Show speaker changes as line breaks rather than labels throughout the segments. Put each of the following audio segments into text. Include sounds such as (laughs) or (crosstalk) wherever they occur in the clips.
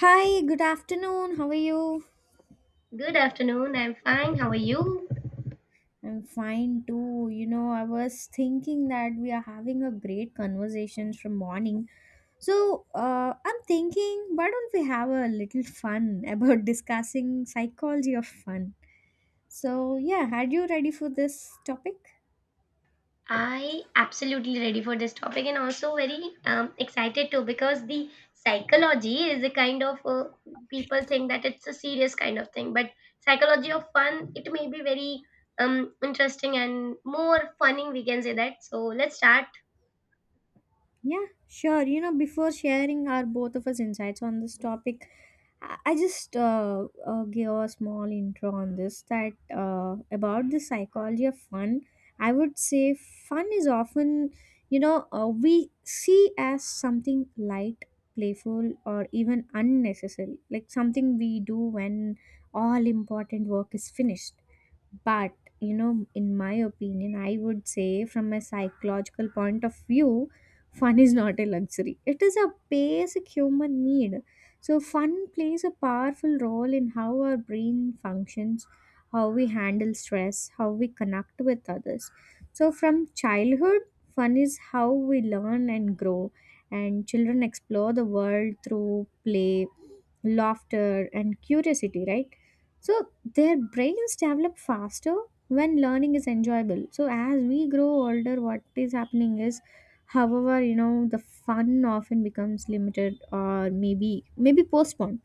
Hi, good afternoon. How are you?
Good afternoon. I'm fine. How are you?
I'm fine too. You know, I was thinking that we are having a great conversation from morning. So, I'm thinking, why don't we have a little fun about (laughs) discussing psychology of fun? So, yeah, are you ready for this topic?
I absolutely ready for this topic and also very excited too because the psychology is a kind of people think that it's a serious kind of thing, but psychology of fun it may be very interesting and more funny we can say that. So let's start.
Yeah, sure. You know, before sharing our both of us insights on this topic, I just give a small intro on this that about the psychology of fun. I would say fun is often, we see as something light, playful, or even unnecessary, like something we do when all important work is finished. But, you know, in my opinion, I would say from a psychological point of view, fun is not a luxury. It is a basic human need. So, fun plays a powerful role in how our brain functions, how we handle stress, how we connect with others. So, from childhood, fun is how we learn and grow, and children explore the world through play, laughter, and curiosity, right? So their brains develop faster when learning is enjoyable. So as we grow older, what is happening is, however, you know, the fun often becomes limited or maybe postponed.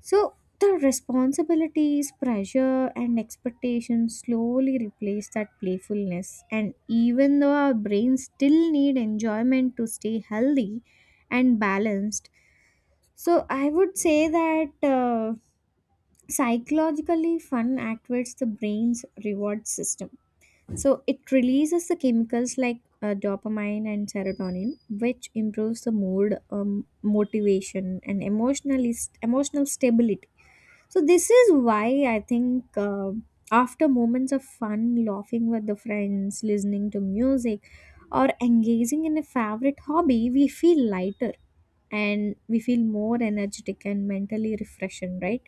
So the responsibilities, pressure, and expectations slowly replace that playfulness. And even though our brains still need enjoyment to stay healthy and balanced, so I would say that. Psychologically, fun activates the brain's reward system. So it releases the chemicals like dopamine and serotonin, which improves the mood, motivation, and emotional stability. So this is why I think after moments of fun, laughing with the friends, listening to music, or engaging in a favorite hobby, we feel lighter and we feel more energetic and mentally refreshing, right?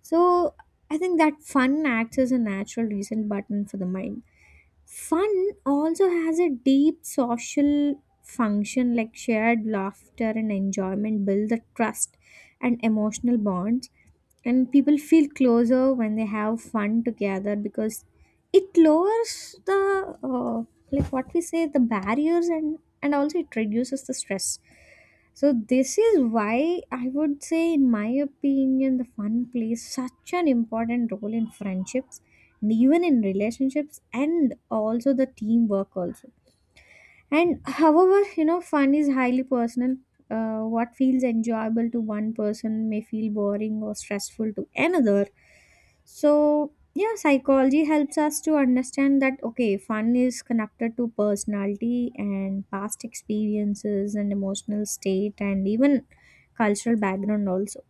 So I think that fun acts as a natural reset button for the mind. Fun also has a deep social function like shared laughter and enjoyment build the trust and emotional bonds, and people feel closer when they have fun together because it lowers the like what we say the barriers, and also it reduces the stress. So this is why I would say, in my opinion, the fun plays such an important role in friendships and even in relationships and also the teamwork also. And however, you know, fun is highly personal. What feels enjoyable to one person may feel boring or stressful to another. So, yeah, psychology helps us to understand that okay, fun is connected to personality and past experiences and emotional state and even cultural background also.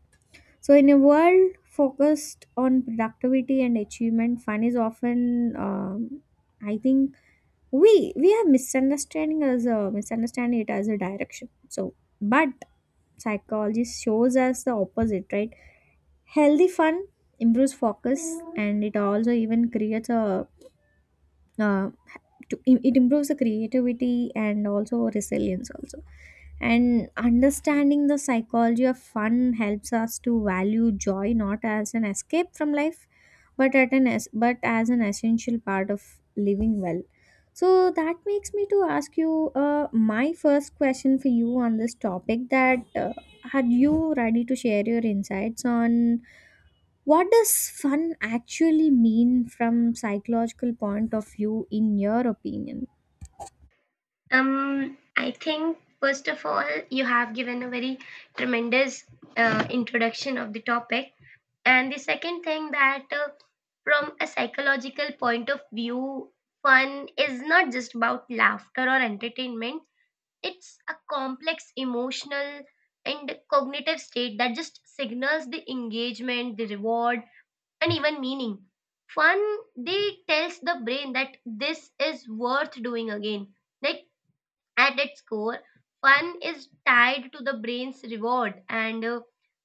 So, in a world focused on productivity and achievement, fun is often, I think, we are misunderstanding as a misunderstanding it as a direction. So but psychology shows us the opposite, right? Healthy fun improves focus, and it also even creates a uh, it improves the creativity and also resilience also. And understanding the psychology of fun helps us to value joy not as an escape from life, but but as an essential part of living well. So that makes me to ask you my first question for you on this topic. That are you ready to share your insights on what does fun actually mean from psychological point of view in your opinion?
I think first of all you have given a very tremendous introduction of the topic. And the second thing that, from a psychological point of view, fun is not just about laughter or entertainment, it's a complex emotional and cognitive state that just signals the engagement, the reward, and even meaning. Fun, they tells the brain that this is worth doing again. Like at its core, fun is tied to the brain's reward and uh,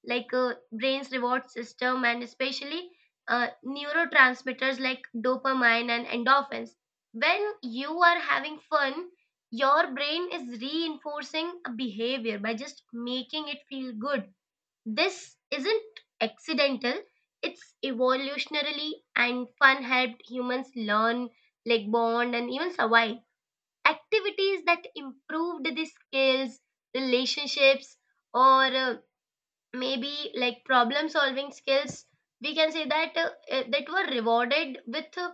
like uh, brain's reward system, and especially neurotransmitters like dopamine and endorphins. When you are having fun, your brain is reinforcing a behavior by just making it feel good. This isn't accidental, it's evolutionarily, and fun helped humans learn, like bond, and even survive activities that improved the skills, relationships, or maybe like problem solving skills, we can say that that were rewarded with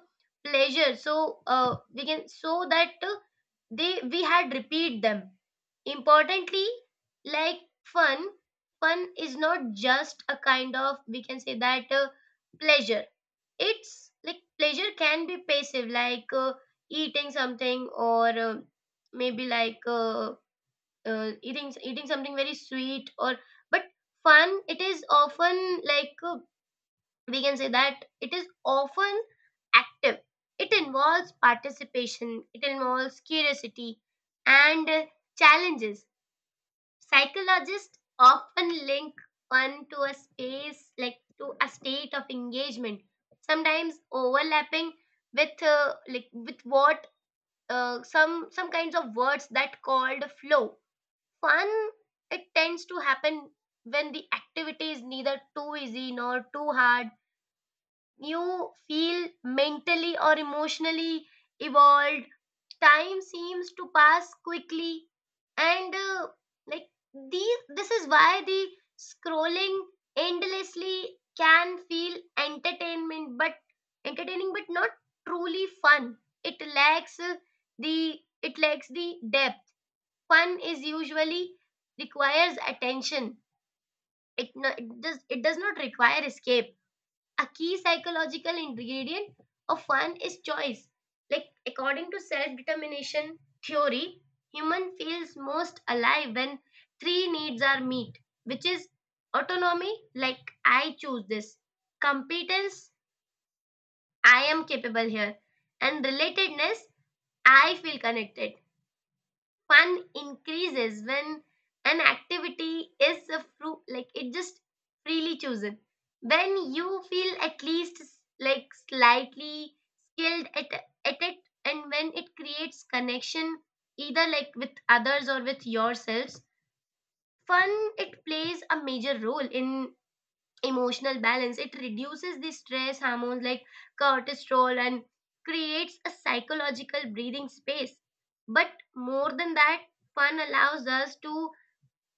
pleasure, so we can so that they we had repeat them. Importantly, like fun fun is not just a kind of, we can say that, pleasure. It's like pleasure can be passive, like eating something, or maybe like eating something very sweet, or but fun. It is often like we can say that it is often active. It involves participation. It involves curiosity and challenges. Psychologists often link one to a space, like to a state of engagement, sometimes overlapping with like with what some kinds of words that called flow. Fun, it tends to happen when the activity is neither too easy nor too hard. You feel mentally or emotionally evolved, time seems to pass quickly, and like these, this is why the scrolling endlessly can feel entertainment, but entertaining but not truly fun. It lacks the it lacks the depth. Fun is usually requires attention. It, no, it does not require escape. A key psychological ingredient of fun is choice. Like, according to self determination theory, human feels most alive when three needs are met, which is autonomy, like I choose this, competence, I am capable here, and relatedness, I feel connected. Fun increases when an activity is like it just freely chosen, when you feel at least like slightly skilled at it, and when it creates connection, either like with others or with yourselves. Fun, it plays a major role in emotional balance. It reduces the stress hormones like cortisol and creates a psychological breathing space. But more than that, fun allows us to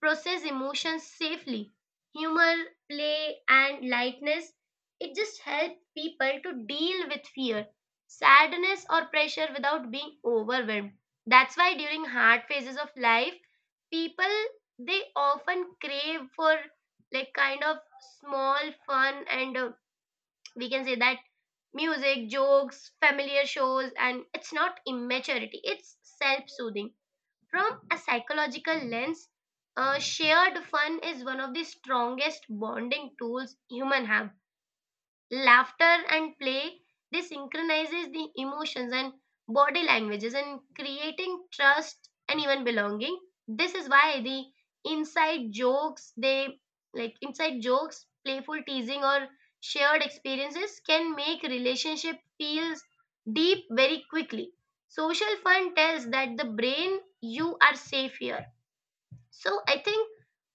process emotions safely. Humor, play, and lightness, it just helps people to deal with fear, sadness, or pressure without being overwhelmed. That's why during hard phases of life, people they often crave for like kind of small fun, and we can say that music, jokes, familiar shows, and it's not immaturity, it's self-soothing. From a psychological lens, shared fun is one of the strongest bonding tools human have. Laughter and play, they synchronizes the emotions and body languages and creating trust and even belonging. This is why the inside jokes, they like inside jokes, playful teasing, or shared experiences can make relationship feels deep very quickly. Social fun tells that the brain you are safe here. So I think,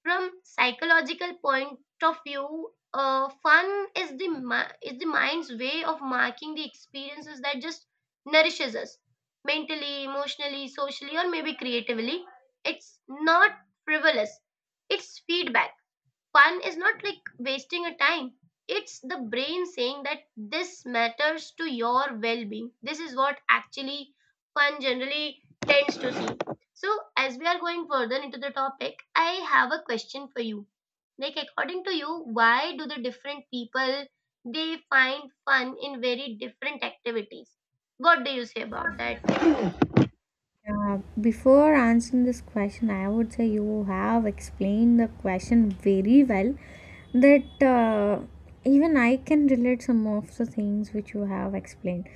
from psychological point of view, fun is is the mind's way of marking the experiences that just nourishes us mentally, emotionally, socially, or maybe creatively. It's not frivolous. It's feedback. Fun is not like wasting a time, it's the brain saying that this matters to your well-being, this is what actually fun generally tends to see. So as we are going further into the topic, I have a question for you. Like, according to you, why do the different people they find fun in very different activities? What do you say about that?
Yeah, before answering this question, I would say you have explained the question very well. That even I can relate some of the things which you have explained.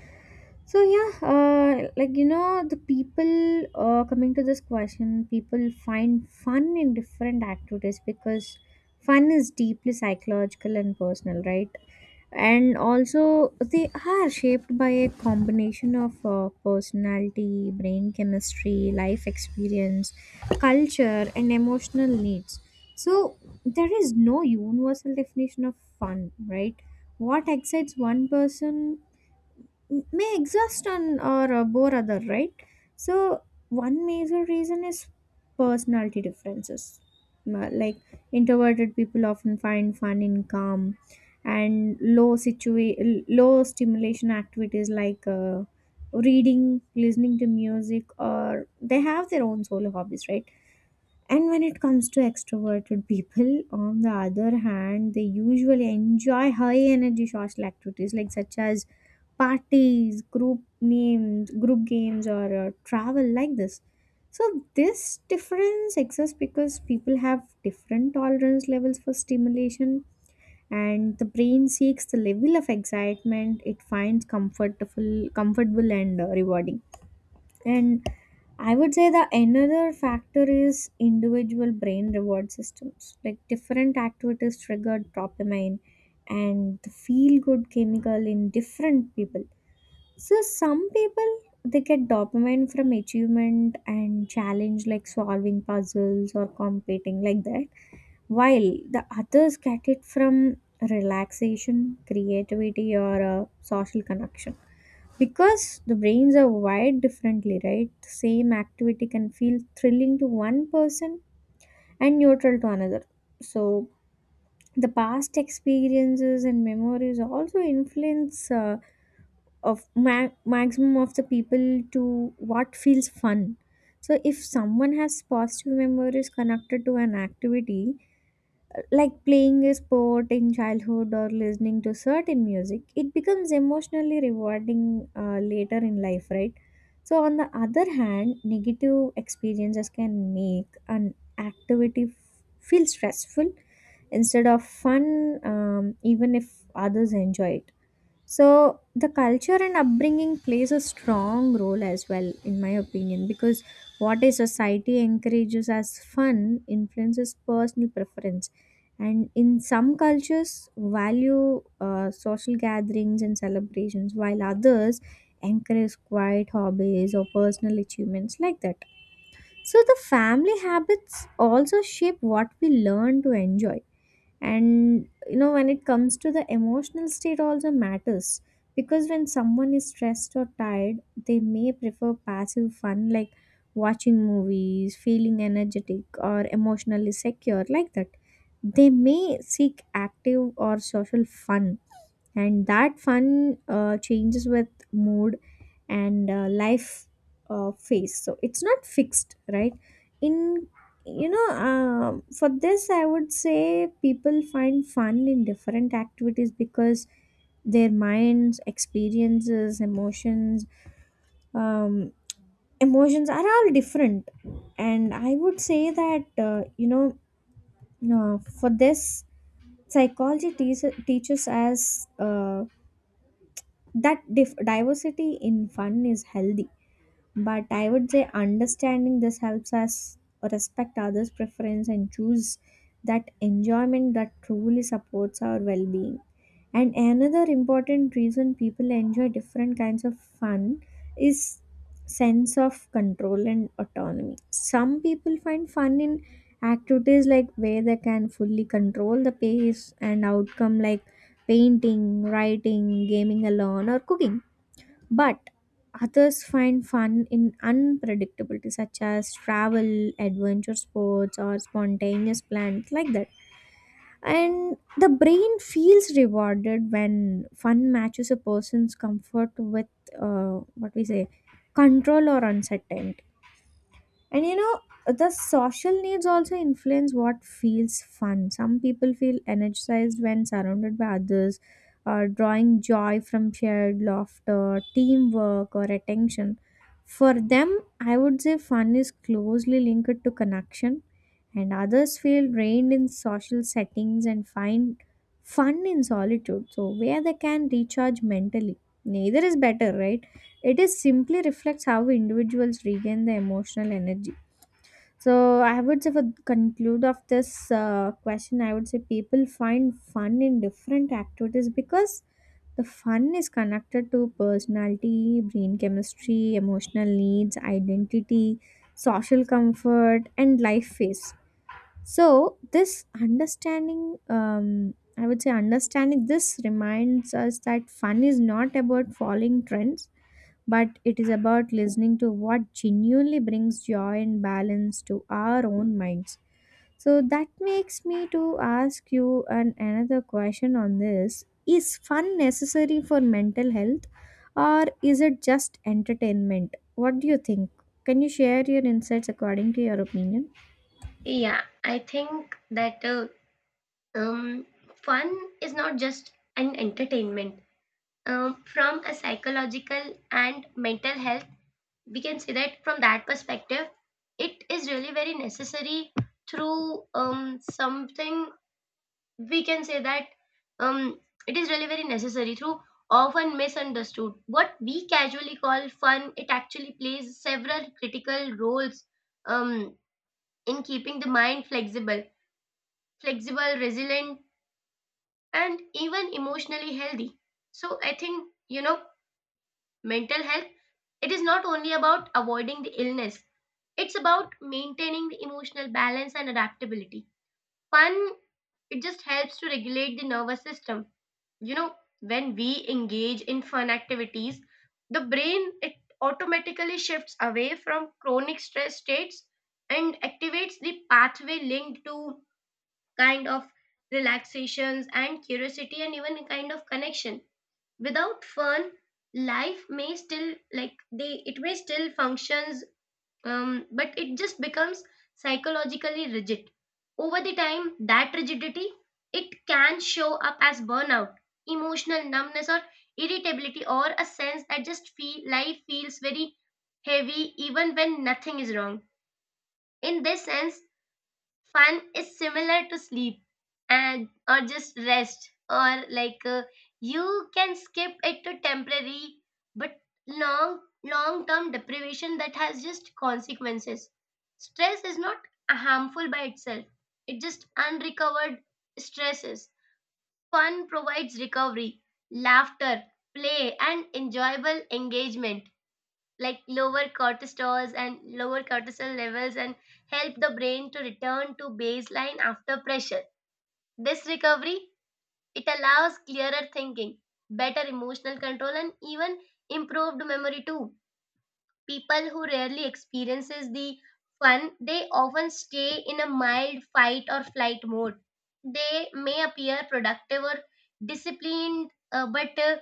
So yeah, like you know, the people coming to this question, people find fun in different activities because fun is deeply psychological and personal, right? And also they are shaped by a combination of personality, brain chemistry, life experience, culture, and emotional needs. So there is no universal definition of fun, right? What excites one person may exhaust on or bore other, right? So one major reason is personality differences. Like introverted people often find fun in calm and low stimulation activities like reading, listening to music, or they have their own solo hobbies, right? And when it comes to extroverted people, on the other hand, they usually enjoy high energy social activities like such as parties, group names, group games, or travel like this. So this difference exists because people have different tolerance levels for stimulation, and the brain seeks the level of excitement it finds comfortable, comfortable and rewarding. And I would say the another factor is individual brain reward systems. Like different activities triggered dopamine and the feel good chemical in different people. So some people they get dopamine from achievement and challenge like solving puzzles or competing like that. While the others get it from relaxation, creativity, or a social connection because the brains are wired differently, right? The same activity can feel thrilling to one person and neutral to another. So the past experiences and memories also influence maximum of the people to what feels fun. So if someone has positive memories connected to an activity like playing a sport in childhood or listening to certain music, it becomes emotionally rewarding later in life, right? So on the other hand, negative experiences can make an feel stressful instead of fun, even if others enjoy it. So the culture and upbringing plays a strong role as well, in my opinion, because what a society encourages as fun influences personal preference. And in some cultures, value social gatherings and celebrations, while others encourage quiet hobbies or personal achievements like that. So the family habits also shape what we learn to enjoy. And you know, when it comes to the emotional state also matters, because when someone is stressed or tired, they may prefer passive fun like watching movies, feeling energetic or emotionally secure like that, they may seek active or social fun. And that fun changes with mood and life phase, so it's not fixed, right? in you know For this, I would say people find fun in different activities because their minds, experiences, emotions, um, emotions are all different. And I would say that, for this, psychology teas teaches us diversity in fun is healthy. But I would say understanding this helps us respect others preference and choose that enjoyment that truly supports our well-being. And another important reason people enjoy different kinds of fun is sense of control and autonomy. Some people find fun in activities like where they can fully control the pace and outcome like painting, writing, gaming alone, or cooking, but others find fun in unpredictability, such as travel, adventure sports, or spontaneous plans like that. And the brain feels rewarded when fun matches a person's comfort with what we say control or uncertainty. And you know, the social needs also influence what feels fun. Some people feel energized when surrounded by others, or drawing joy from shared laughter, teamwork, or attention. For them, I would say fun is closely linked to connection, and others feel drained in social settings and find fun in solitude. So, where they can recharge mentally. Neither is better, right? It is simply reflects how individuals regain the emotional energy. So I would say for the conclude of this question, I would say people find fun in different activities because the fun is connected to personality, brain chemistry, emotional needs, identity, social comfort, and life phase. So this understanding, I would say understanding this reminds us that fun is not about following trends, but it is about listening to what genuinely brings joy and balance to our own minds. So that makes me to ask you an another question on this. Is fun necessary for mental health, or is it just entertainment? What do you think? Can you share your insights according to your opinion?
Yeah, I think that um fun is not just an entertainment. From a psychological and mental health, we can say that from that perspective, it is really very necessary through, something, we can say that, um, it is really very necessary through often misunderstood. What we casually call fun it actually plays several critical roles, um, in keeping the mind flexible, resilient, and even emotionally healthy. So I think, you know, mental health, it is not only about avoiding the illness, it's about maintaining the emotional balance and adaptability. Fun, it just helps to regulate the nervous system. You know, when we engage in fun activities, the brain it automatically shifts away from chronic stress states and activates the pathway linked to kind of relaxations and curiosity and even a kind of connection. Without fun, life may still like they it may still functions, but it just becomes psychologically rigid. Over the time, that rigidity it can show up as burnout, emotional numbness, or irritability, or a sense that just feel life feels very heavy even when nothing is wrong. In this sense, fun is similar to sleep and or just rest, or like you can skip it to temporary, but long term deprivation that has just consequences. Stress is not harmful by itself. It just unrecovered stresses. Fun provides recovery, laughter, play, and enjoyable engagement like lower cortisols and lower cortisol levels and help the brain to return to baseline after pressure. This recovery, it allows clearer thinking, better emotional control, and even improved memory too. People who rarely experiences the fun, they often stay in a mild fight or flight mode. They may appear productive or disciplined,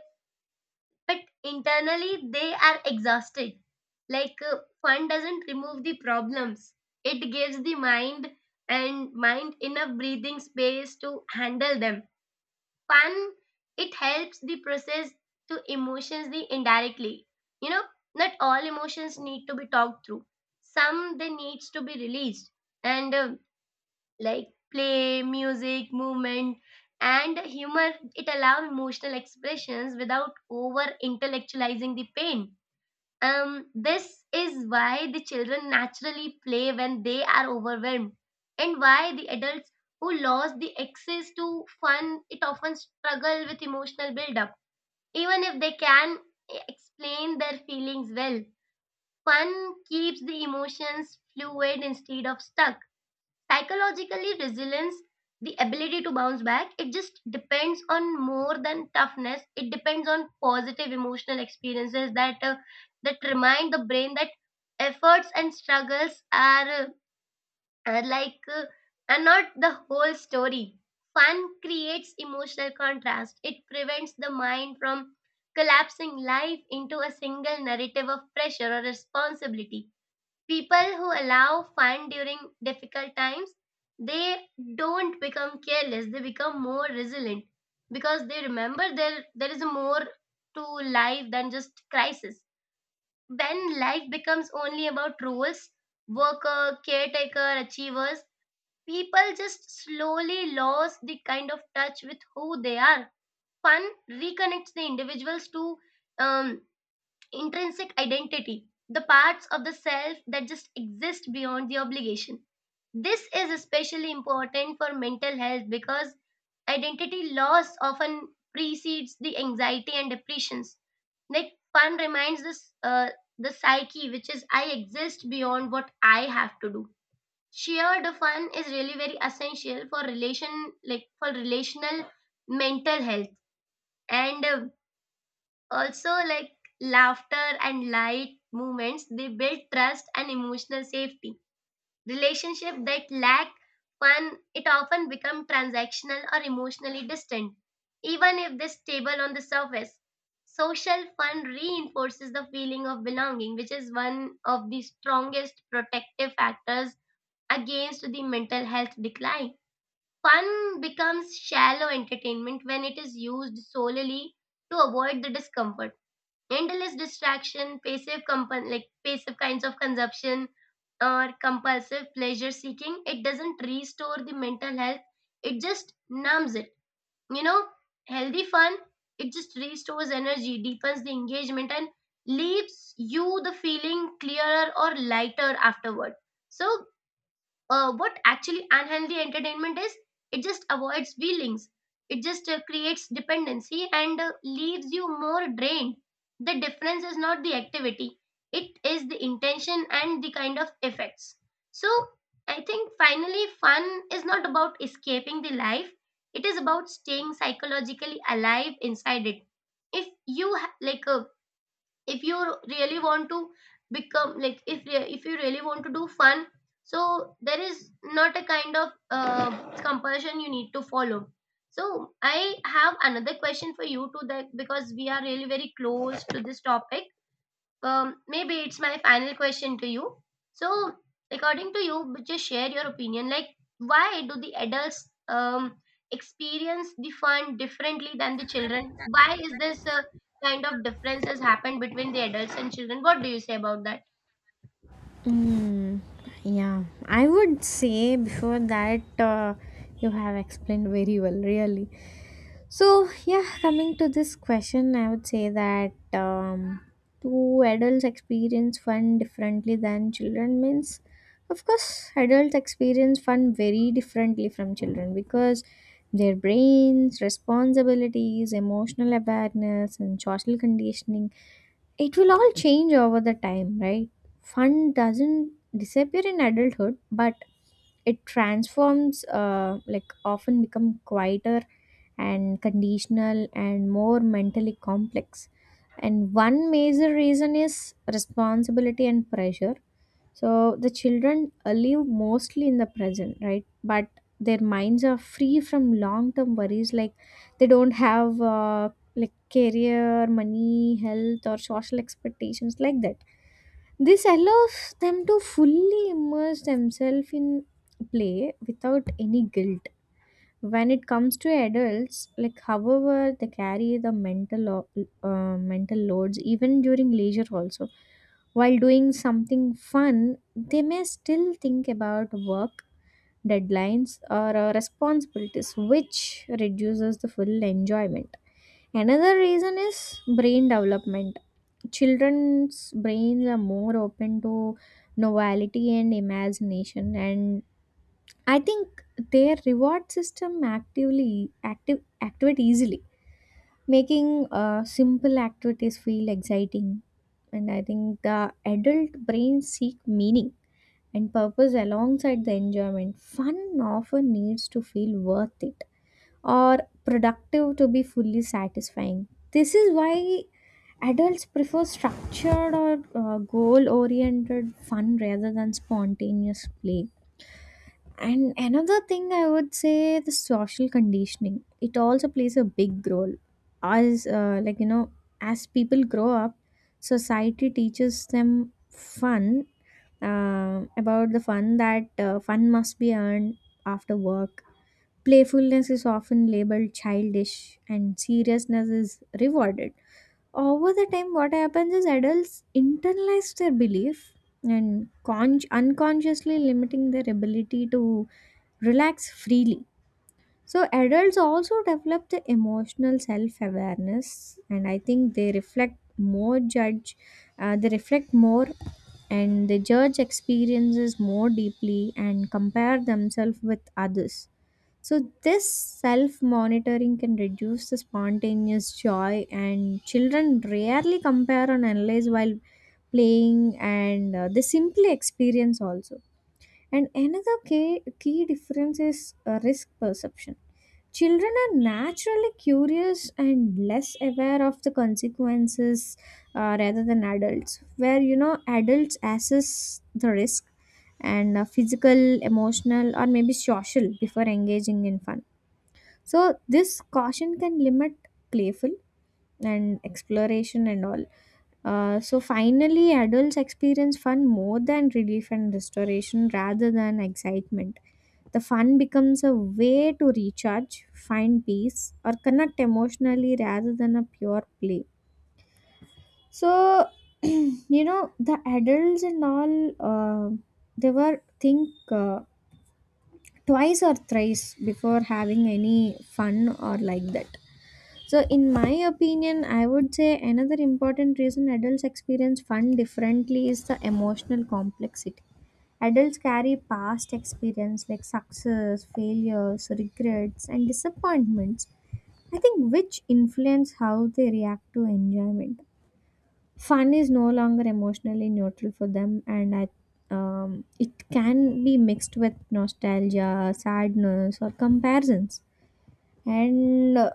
but internally they are exhausted. Like fun doesn't remove the problems, it gives the mind and mind enough breathing space to handle them. Fun, it helps the process to emotions the indirectly. You know, not all emotions need to be talked through, some they needs to be released, and like play, music, movement, and humor. It allows emotional expressions without over intellectualizing the pain. This is why the children naturally play when they are overwhelmed, and why the adults who lost the access to fun it often struggle with emotional buildup, even if they can explain their feelings well. Fun keeps the emotions fluid instead of stuck. Psychologically resilience, the ability to bounce back it just depends on more than toughness, it depends on positive emotional experiences that that remind the brain that efforts and struggles are, are like uh, are not the whole story. Fun creates emotional contrast, it prevents the mind from collapsing life into a single narrative of pressure or responsibility. People who allow fun during difficult times, they don't become careless, they become more resilient because they remember there is more to life than just crisis. When life becomes only about rules, worker, caretaker, achievers, people just slowly lose the kind of touch with who they are. Fun reconnects the individuals to um, intrinsic identity, the parts of the self that just exist beyond the obligation. This is especially important for mental health because identity loss often precedes the anxiety and depressions. Like fun reminds us the psyche, which is I exist beyond what I have to do. Shared fun is really very essential for relation, like for relational mental health. And also, like laughter and light movements, they build trust and emotional safety. Relationship that lack fun, it often become transactional or emotionally distant, even if they stable on the surface. Social fun reinforces the feeling of belonging, which is one of the strongest protective factors against the mental health decline. Fun becomes shallow entertainment when it is used solely to avoid the discomfort. Endless distraction, like passive kinds of consumption or compulsive pleasure seeking, it doesn't restore the mental health. It just numbs it. You know, healthy fun, it just restores energy, deepens the engagement, and leaves you the feeling clearer or lighter afterward. So what actually unhealthy entertainment is, it just avoids feelings, it just creates dependency, and leaves you more drained. The difference is not the activity, it is the intention and the kind of effects. So I think finally, fun is not about escaping the life, it is about staying psychologically alive inside it. If you if you really want to become, like, if you really want to do fun, so there is not a kind of compulsion you need to follow. So I have another question for you to that, because we are really very close to this topic. Maybe it's my final question to you. So, according to you, but just share your opinion. Like, why do the adults experience the fun differently than the children? Why is this kind of difference has happened between the adults and children? What do you say about that?
Mm, yeah, I would say before that you have explained very well, really. So, yeah, coming to this question, I would say that, do adults experience fun differently than children means, of course, adults experience fun very differently from children because their brains, responsibilities, emotional awareness, and social conditioning, it will all change over the time, right? Fun doesn't disappear in adulthood, but it transforms, like often become quieter and conditional and more mentally complex. And one major reason is responsibility and pressure. So the children live mostly in the present, right? But their minds are free from long-term worries, like they don't have like career, money, health, or social expectations like that. This allows them to fully immerse themselves in play without any guilt. When it comes to adults, like however they carry the mental loads even during leisure also. While doing something fun, they may still think about work, deadlines, or responsibilities, which reduces the full enjoyment. Another reason is brain development. Children's brains are more open to novelty and imagination, and I think their reward system actively active activate easily, making simple activities feel exciting. And I think the adult brains seek meaning and purpose alongside the enjoyment. Fun often needs to feel worth it or productive to be fully satisfying. This is why adults prefer structured or goal oriented fun rather than spontaneous play. And another thing I would say the social conditioning. It also plays a big role. As like you know, as people grow up, society teaches them fun about the fun that fun must be earned after work. Playfulness is often labeled childish, and seriousness is rewarded over the time. What happens is adults internalize their belief and unconsciously limiting their ability to relax freely. So adults also develop the emotional self-awareness, and I think they reflect more and they judge experiences more deeply and compare themselves with others. So, this self monitoring can reduce the spontaneous joy, and children rarely compare and analyze while playing, and they simply experience also. And another key difference is risk perception. Children are naturally curious and less aware of the consequences rather than adults, where you know adults assess the risk and physical, emotional, or maybe social before engaging in fun. So this caution can limit playful and exploration and all. So finally, adults experience fun more than relief and restoration rather than excitement. The fun becomes a way to recharge, find peace, or connect emotionally rather than a pure play. So, (clears throat) you know, the adults and all, they were think twice or thrice before having any fun or like that. So, in my opinion, I would say another important reason adults experience fun differently is the emotional complexity. Adults carry past experience like success, failures, regrets, and disappointments, I think, which influence how they react to enjoyment. Fun is no longer emotionally neutral for them, and it can be mixed with nostalgia, sadness, or comparisons. And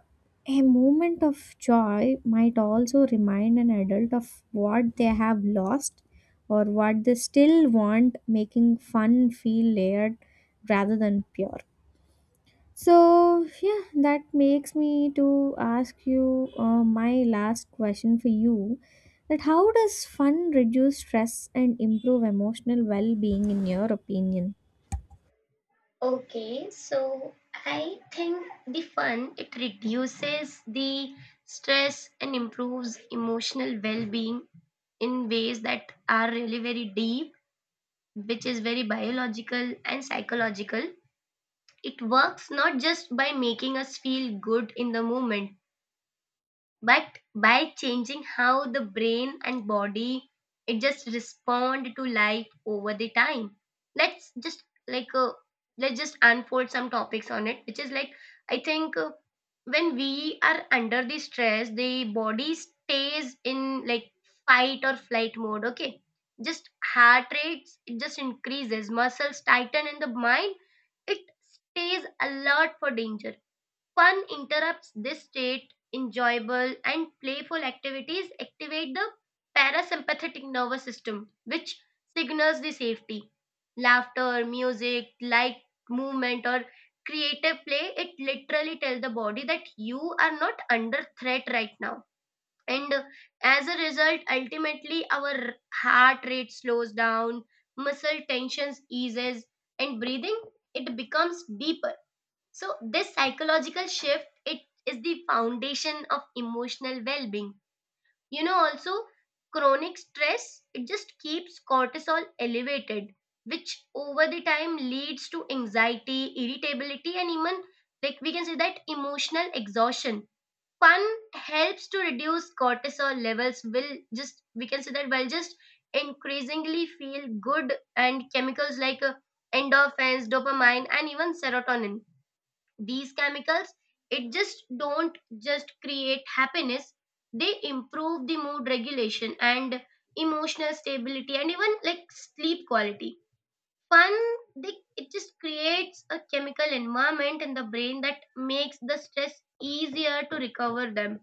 a moment of joy might also remind an adult of what they have lost or what they still want, making fun feel layered rather than pure. So, yeah, that makes me to ask you my last question for you, that how does fun reduce stress and improve emotional well-being in your opinion?
Okay, so I think the fun it reduces the stress and improves emotional well-being in ways that are really very deep, which is very biological and psychological. It works not just by making us feel good in the moment, but by changing how the brain and body it just respond to life over the time. Let's just like uh, let's just unfold some topics on it, which is like I think when we are under the stress, the body stays in like fight or flight mode. Okay, just heart rates it just increases, muscles tighten, and the mind it stays alert for danger. Fun interrupts this state. Enjoyable and playful activities activate the parasympathetic nervous system, which signals the safety. Laughter, music, light movement, or creative play, it literally tells the body that you are not under threat right now. And as a result, ultimately, our heart rate slows down, muscle tensions eases, and breathing it becomes deeper. So this psychological shift it is the foundation of emotional well-being. You know also chronic stress it just keeps cortisol elevated, which over the time leads to anxiety, irritability, and even like we can say that emotional exhaustion. Fun helps to reduce cortisol levels, will just we can say that will just increasingly feel good and chemicals like endorphins, dopamine, and even serotonin. These chemicals, it just don't just create happiness, they improve the mood regulation and emotional stability and even like sleep quality. Fun, they, it just creates a chemical environment in the brain that makes the stress easier to recover them.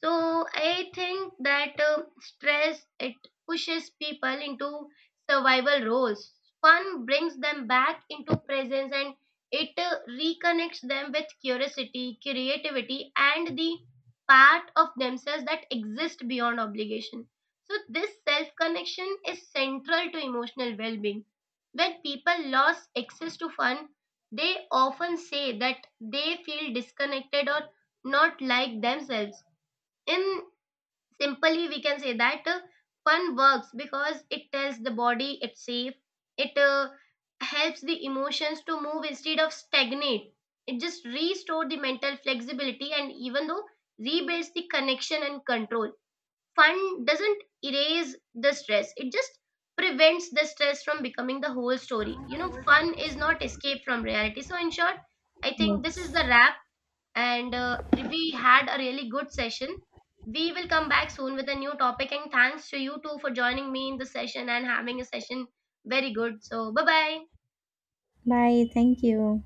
So I think that stress it pushes people into survival roles. Fun brings them back into presence, and it reconnects them with curiosity, creativity, and the part of themselves that exist beyond obligation. So this self connection is central to emotional well-being. When people lose access to fun, they often say that they feel disconnected or not like themselves. In simply we can say that fun works because it tells the body it's safe, it helps the emotions to move instead of stagnate, it just restores the mental flexibility and even though rebuilds the connection and control. Fun doesn't erase the stress, it just prevents the stress from becoming the whole story. You know, fun is not escape from reality. So in short, I think this
Yes.
is the wrap, and we had a really good session. We will come back soon with a new topic, and thanks to you too for joining me in the session and having a session. Very good. So bye bye.
Bye, thank you.